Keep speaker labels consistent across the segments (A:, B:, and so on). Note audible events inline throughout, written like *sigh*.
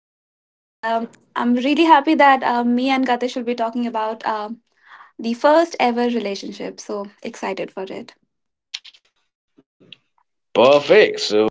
A: and I'm really happy that me and Gatesh will be talking about the first ever relationship. So excited for it.
B: Perfect. So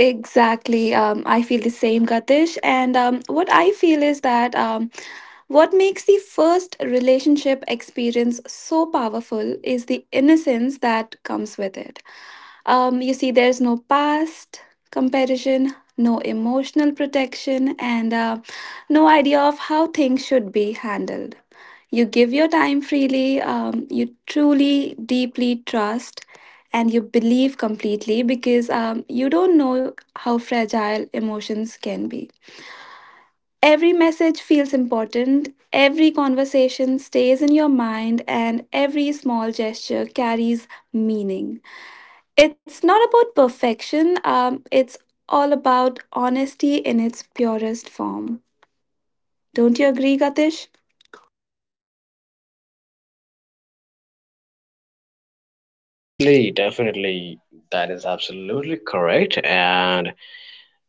A: Exactly. I feel the same, Gatish. And what I feel is that what makes the first relationship experience so powerful is the innocence that comes with it. You see, there's no past comparison, no emotional protection, and no idea of how things should be handled. You give your time freely, you truly, deeply trust, and you believe completely because you don't know how fragile emotions can be. Every message feels important, every conversation stays in your mind, and every small gesture carries meaning. It's not about perfection, it's all about honesty in its purest form. Don't you agree, Gatish?
B: definitely, that is absolutely correct. And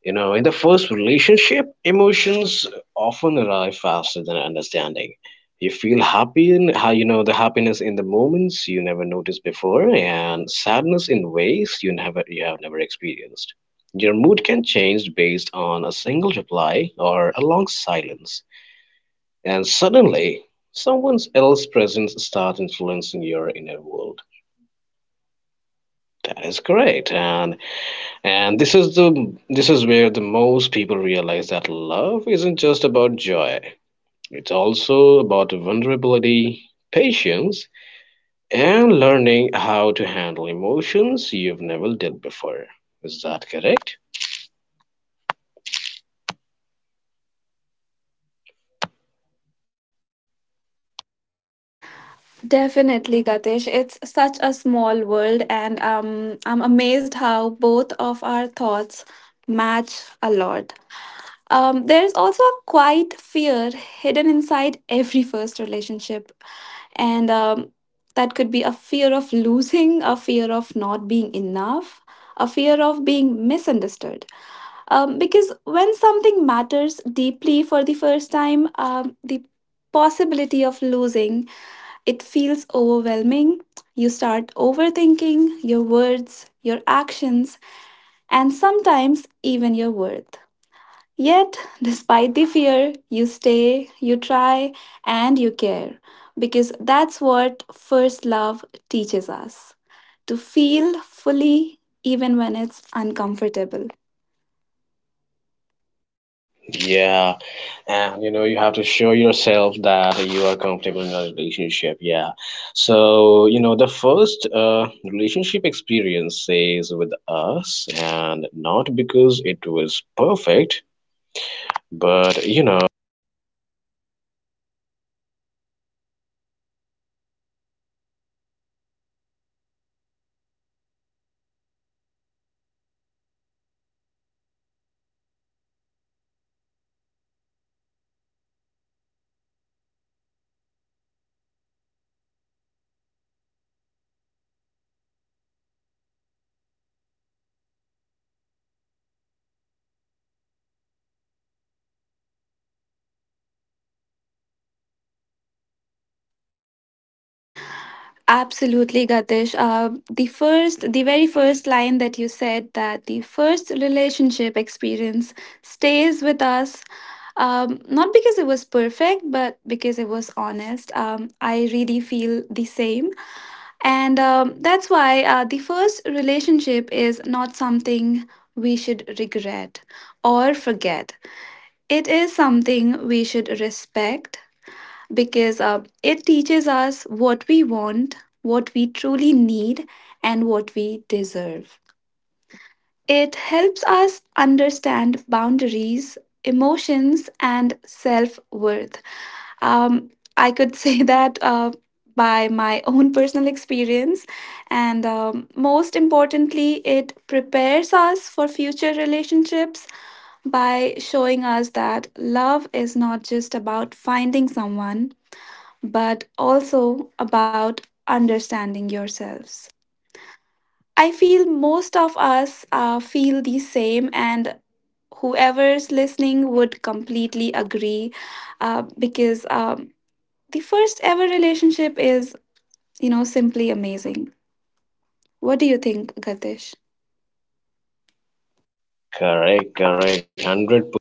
B: you know, in the first relationship, emotions often arrive faster than understanding. You feel happy in how you know the happiness in the moments you never noticed before, and sadness in ways you have never experienced. Your mood can change based on a single reply or a long silence, and suddenly someone else's presence starts influencing your inner world. That is correct, and this is where the most people realize that love isn't just about joy. It's also about vulnerability, patience, and learning how to handle emotions you've never dealt before. Is that correct?
A: Definitely, Gatish. It's such a small world, and I'm amazed how both of our thoughts match a lot. There's also a quiet fear hidden inside every first relationship, and that could be a fear of losing, a fear of not being enough, a fear of being misunderstood. Because when something matters deeply for the first time, the possibility of losing it feels overwhelming. You start overthinking your words, your actions, and sometimes even your worth. Yet, despite the fear, you stay, you try, and you care because that's what first love teaches us to feel fully even when it's uncomfortable.
B: Yeah. And you know, you have to show yourself that you are comfortable in a relationship. Yeah. So, you know, the first relationship experience is with us, and not because it was perfect, but you know,
A: Absolutely, Gatish. The the very first line that you said that the first relationship experience stays with us, not because it was perfect, but because it was honest. I really feel the same. And that's why the first relationship is not something we should regret or forget. It is something we should respect because it teaches us what we want, what we truly need, and what we deserve. It helps us understand boundaries, emotions, and self worth. Um, I could *laughs* say that by my own personal experience, and most importantly, it prepares us for future relationships by showing us that love is not just about finding someone but also about understanding yourselves. I feel most of us feel the same, and whoever's listening would completely agree because the first ever relationship is, you know, simply amazing. What do you think, Gatish?
B: correct, hundred. Per-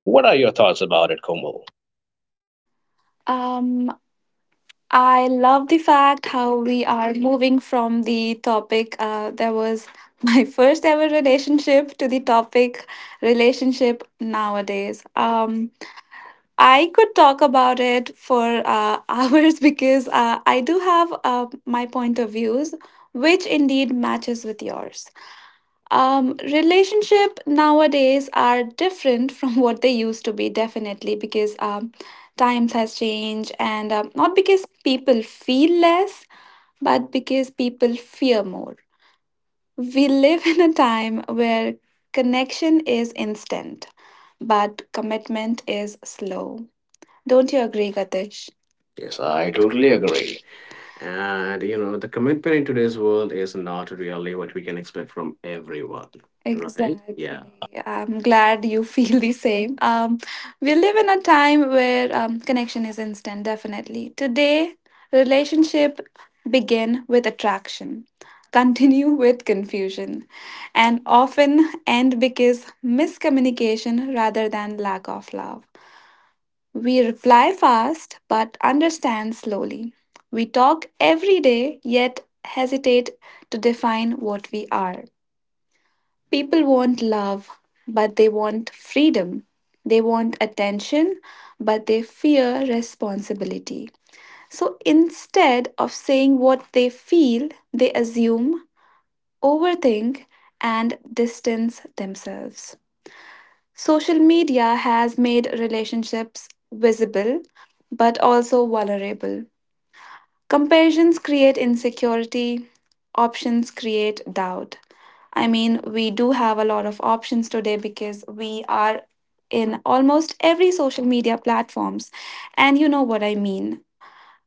B: what are your thoughts about it, Komal?
A: Um, I love the fact how we are moving from the topic that was my *laughs* first ever relationship to the topic relationship nowadays. I could talk about it for *laughs* hours because I do have my point of views, which indeed matches with yours. Relationship nowadays are different from *laughs* what they used to be, definitely, because times has changed and not because people feel less but because people fear more. We live in a time where connection is instant but commitment is slow. Don't you agree, Gatish? Yes,
B: Yes,
A: I
B: I
A: totally
B: totally
A: agree.
B: agree.
A: And you know, the commitment in today's world is not really what we can expect from everyone, right? Exactly. Yeah. Exactly. I'm glad you *laughs* feel the same. We live in a time where connection is instant, definitely. Today, relationship begin with attraction, continue *laughs* with confusion, and often end because miscommunication rather than lack of love. We reply fast but understand slowly. We talk every day yet hesitate to define what we are. People want love, but they want freedom. They want attention, but they fear responsibility. So instead of saying what they feel, they assume, overthink, and distance themselves. Social media has made relationships visible but also vulnerable. Comparisons create insecurity, options create doubt. I mean, we do have a lot of options today because we are in almost every social media platforms and you know what I mean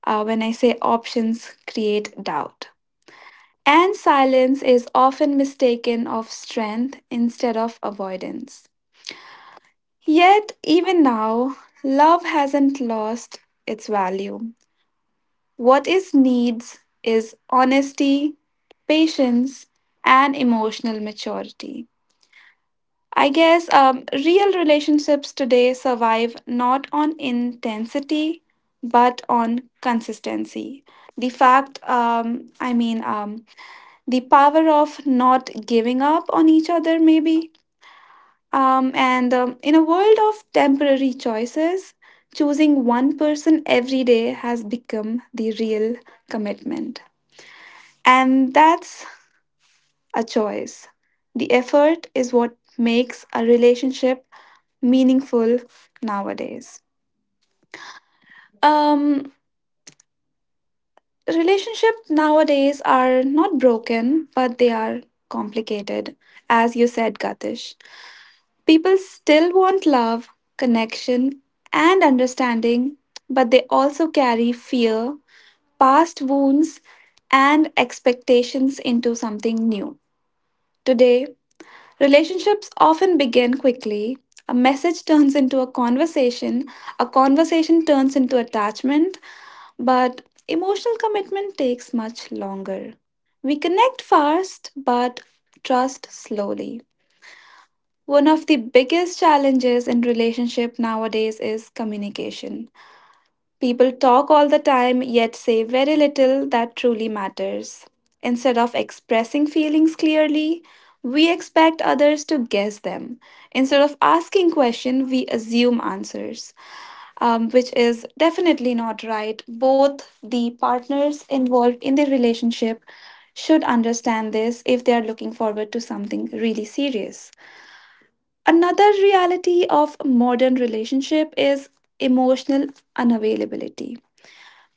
A: when I say options create doubt. And silence is often mistaken of strength instead of avoidance. Yet, even now, love hasn't lost its value. What it needs is honesty, patience, and emotional maturity. I guess real relationships today survive not on intensity but on consistency. The fact, the power of not giving up on each other, maybe. And in a world of temporary choices, choosing one person every day has become the real commitment. And that's a choice. The effort is what makes a relationship meaningful nowadays. Um, Relationships nowadays are not broken, but they are complicated, as you said, Gatish. People still want love, connection, and understanding, but they also carry fear, past wounds, and expectations into something new. Today, relationships often begin quickly. A message turns into a conversation turns into attachment, but emotional commitment takes much longer. We connect fast, but trust slowly. One of the biggest challenges in relationship nowadays is communication. People talk all the time yet say very little that truly matters. Instead of expressing feelings clearly, we expect others to guess them. Instead of asking questions, we assume answers, which is definitely not right. Both the partners involved in the relationship should understand this if they are looking forward to something really serious. Another reality of modern relationship is emotional unavailability.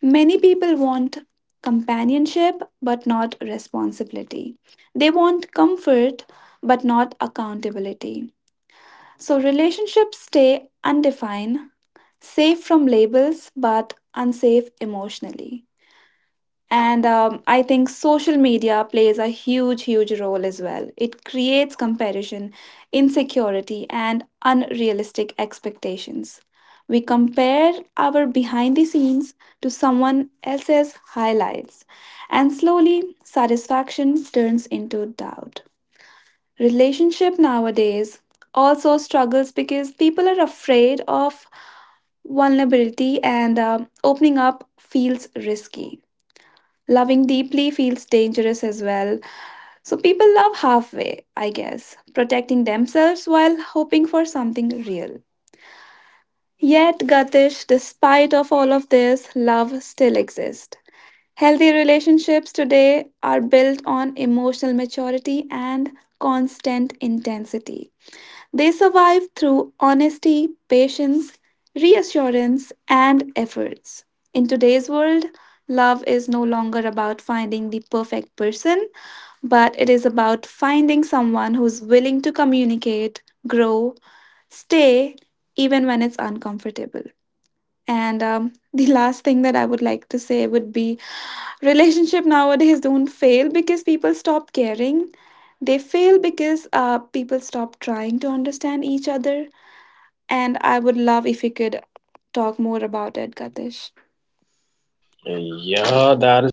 A: Many people want companionship but not responsibility. They want comfort but not accountability. So relationships stay undefined, safe from labels but unsafe emotionally. And I think social media plays a huge, huge role as well. It creates comparison, insecurity, and unrealistic expectations. We compare our behind the scenes to someone else's highlights, and slowly satisfaction turns into doubt. Relationship nowadays also struggles because people are afraid of vulnerability, and opening up feels risky. Loving deeply feels dangerous as well. So people love halfway, I guess, protecting themselves while hoping for something real. Yet, Gatish, despite of all of this, love still exists. Healthy relationships today are built on emotional maturity and constant intensity. They survive through honesty, patience, reassurance, and efforts. In today's world, love is no longer about finding the perfect person, but it is about finding someone who's willing to communicate, grow, stay, even when it's uncomfortable. And *laughs* the last thing that I would like to say would be relationship nowadays don't fail because people stop caring. They fail because people stop trying to understand each other, and I would love if you could talk more about it, Katish.
B: Yeah, that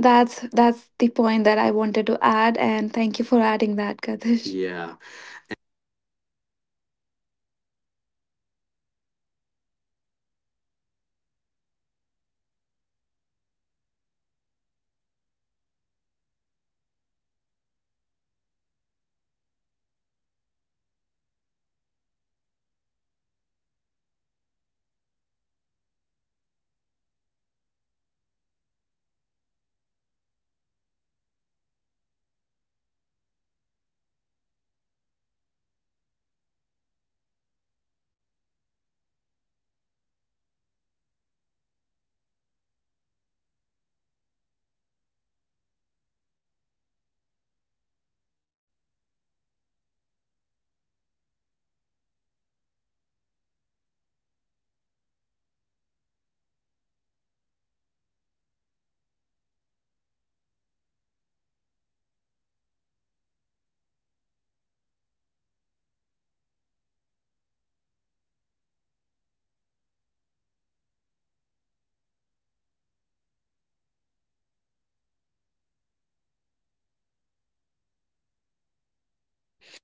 A: That's the point that I wanted to add, and thank you for adding that, Katish. Yeah,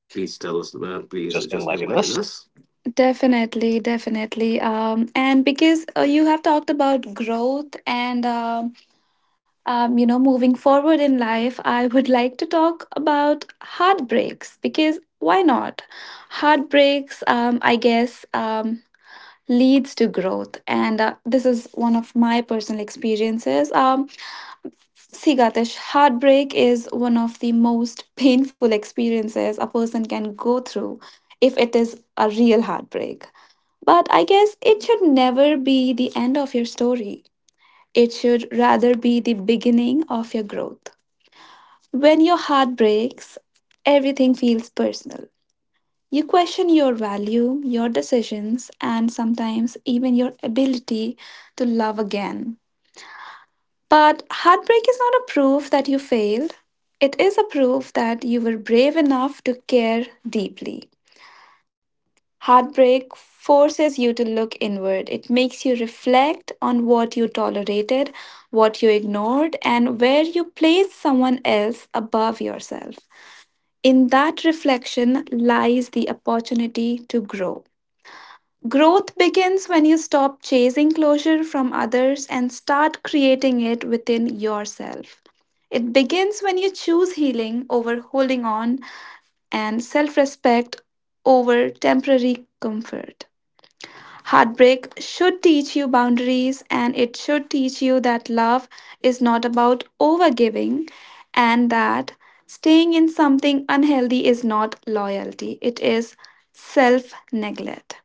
A: please tell us, man. Please just
B: just
A: enlighten
B: enlighten us.
A: us. Definitely, definitely. And because you have talked about growth and you know, moving forward in life, I would *laughs* like to talk about heartbreaks because why not? Heartbreaks, I guess. Leads to growth. And this is one of my personal experiences. See, Gatish, heartbreak is one of the most *laughs* painful experiences a person can go through if it is a real heartbreak. But I guess it should never be the end of your story. It should rather be the beginning of your growth. When your heart breaks, everything feels personal. You question your value, your decisions, and sometimes even your ability to love again. But heartbreak is not a proof that you failed, it is a proof that you were brave enough to care deeply. Heartbreak forces you to look inward. It makes you reflect on what you tolerated, what you ignored, and where you placed someone else above yourself. In that reflection lies the opportunity to grow. Growth begins when you stop chasing closure from others and start creating it within yourself. It begins when you choose healing over holding on, and self respect over temporary comfort. Heartbreak should teach you boundaries, and it should teach you that love is not about overgiving and that staying in something unhealthy is not loyalty, it is self neglect.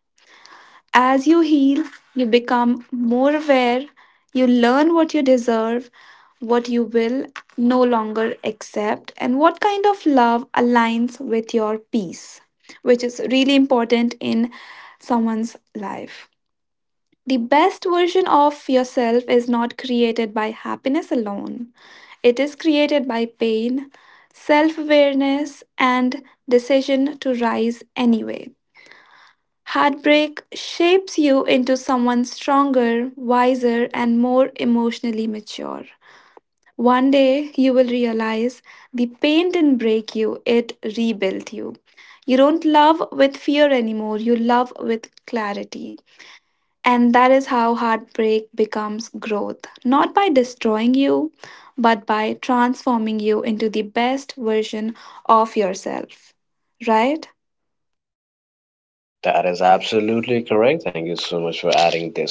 A: As you heal, you become more aware, you learn what you deserve, what you will no longer accept, and what kind of love aligns with your peace, which is really important in someone's life. The best version of yourself is not created by happiness alone, it is created by pain, self awareness, and decision to rise anyway. Heartbreak shapes you into someone stronger, wiser, and more emotionally mature. One day you will realize the pain didn't break you, it rebuilt you. You don't love with fear anymore, you love with clarity. And that is how heartbreak becomes growth, not by destroying you, but by transforming you into the best version of yourself. Right?
B: That is absolutely correct. Thank you so much for adding this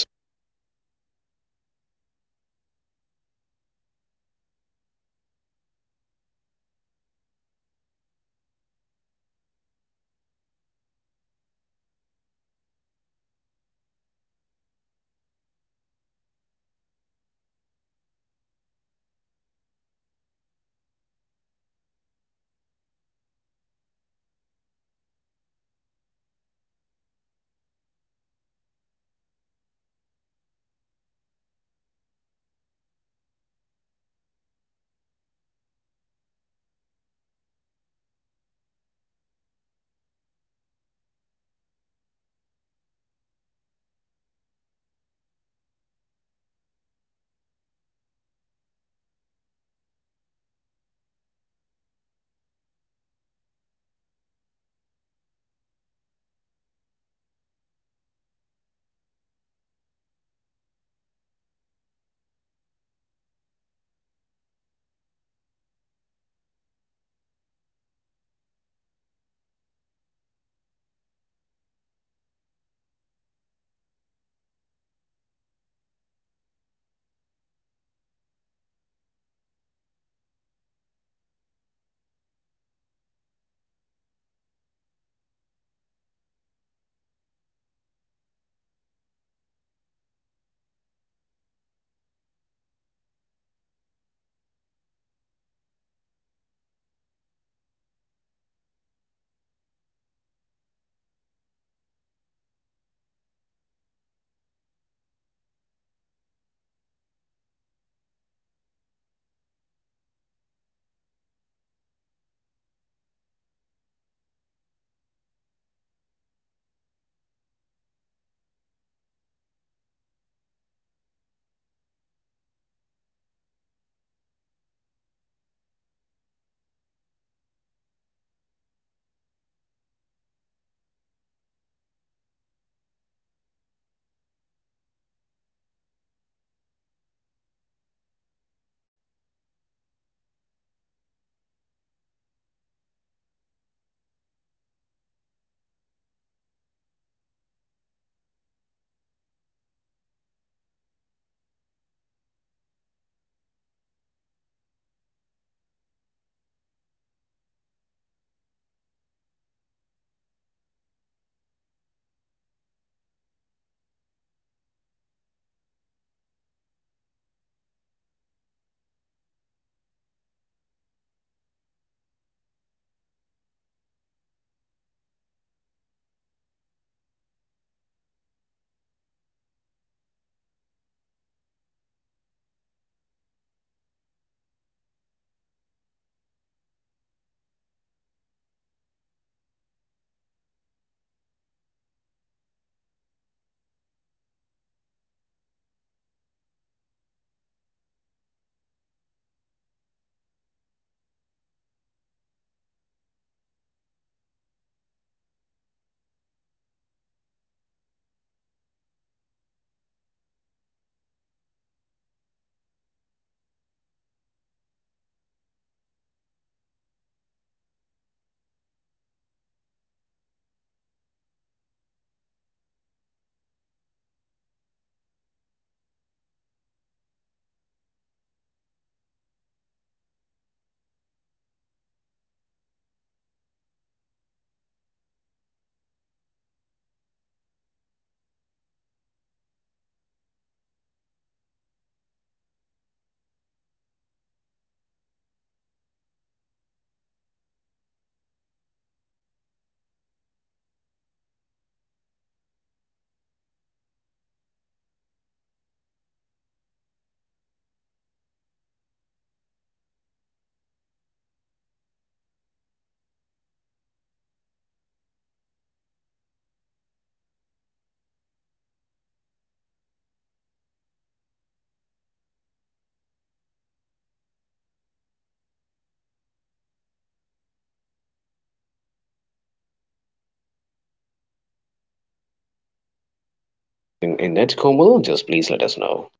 B: in it, Komal. Just please let us know.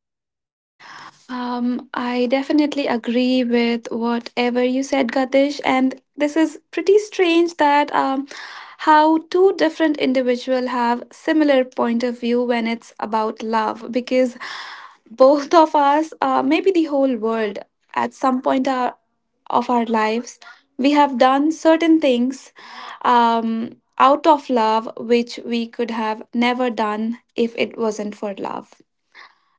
A: I definitely agree with whatever you said, Gatish. And this is pretty strange that how two different individuals have similar point of view when it's about love, because both of us, maybe the whole world, at some point of our lives, we have done certain things out of love which we could have never done if it wasn't for love.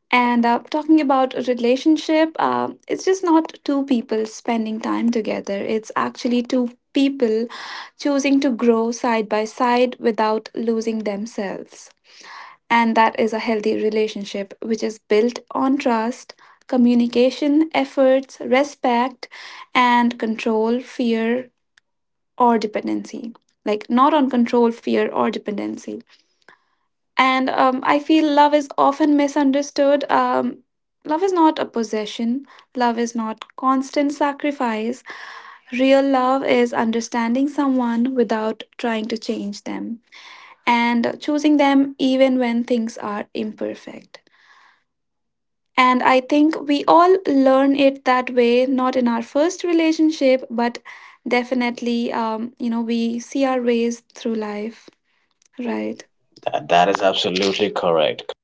A: And talking about a relationship, it's just not two people spending time together. It's actually two people choosing to grow side by side without losing themselves. And that is a healthy relationship, which is built on trust, communication, efforts, respect, and control, fear, or dependency. Like, not on control, fear, or dependency. And I feel love is often misunderstood. Love is not a possession, love is not constant sacrifice. Real love is understanding someone without trying to change them and choosing them even when things are imperfect. And I think we all learn it that way, not in our first relationship, but definitely, you know, we see our ways through life, right?
B: That
A: That, that
B: is
A: is
B: absolutely correct.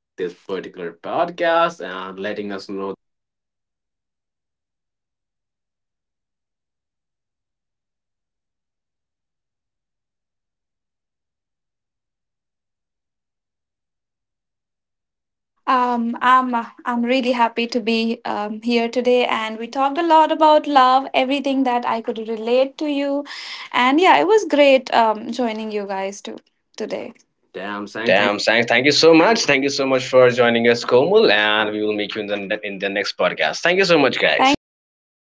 A: with this particular podcast and letting us know. Um, I'm I'm really happy to be here today, and we talked a lot about love, everything that I could relate to you, and yeah, it was great joining you guys to today. Damn, saying thank.
B: Damn, thank you so much. Thank you so much for joining us, Komal, and we will meet you in the next podcast. Thank you so much, guys.
A: Thank you guys.
B: Thank
A: Bye
B: you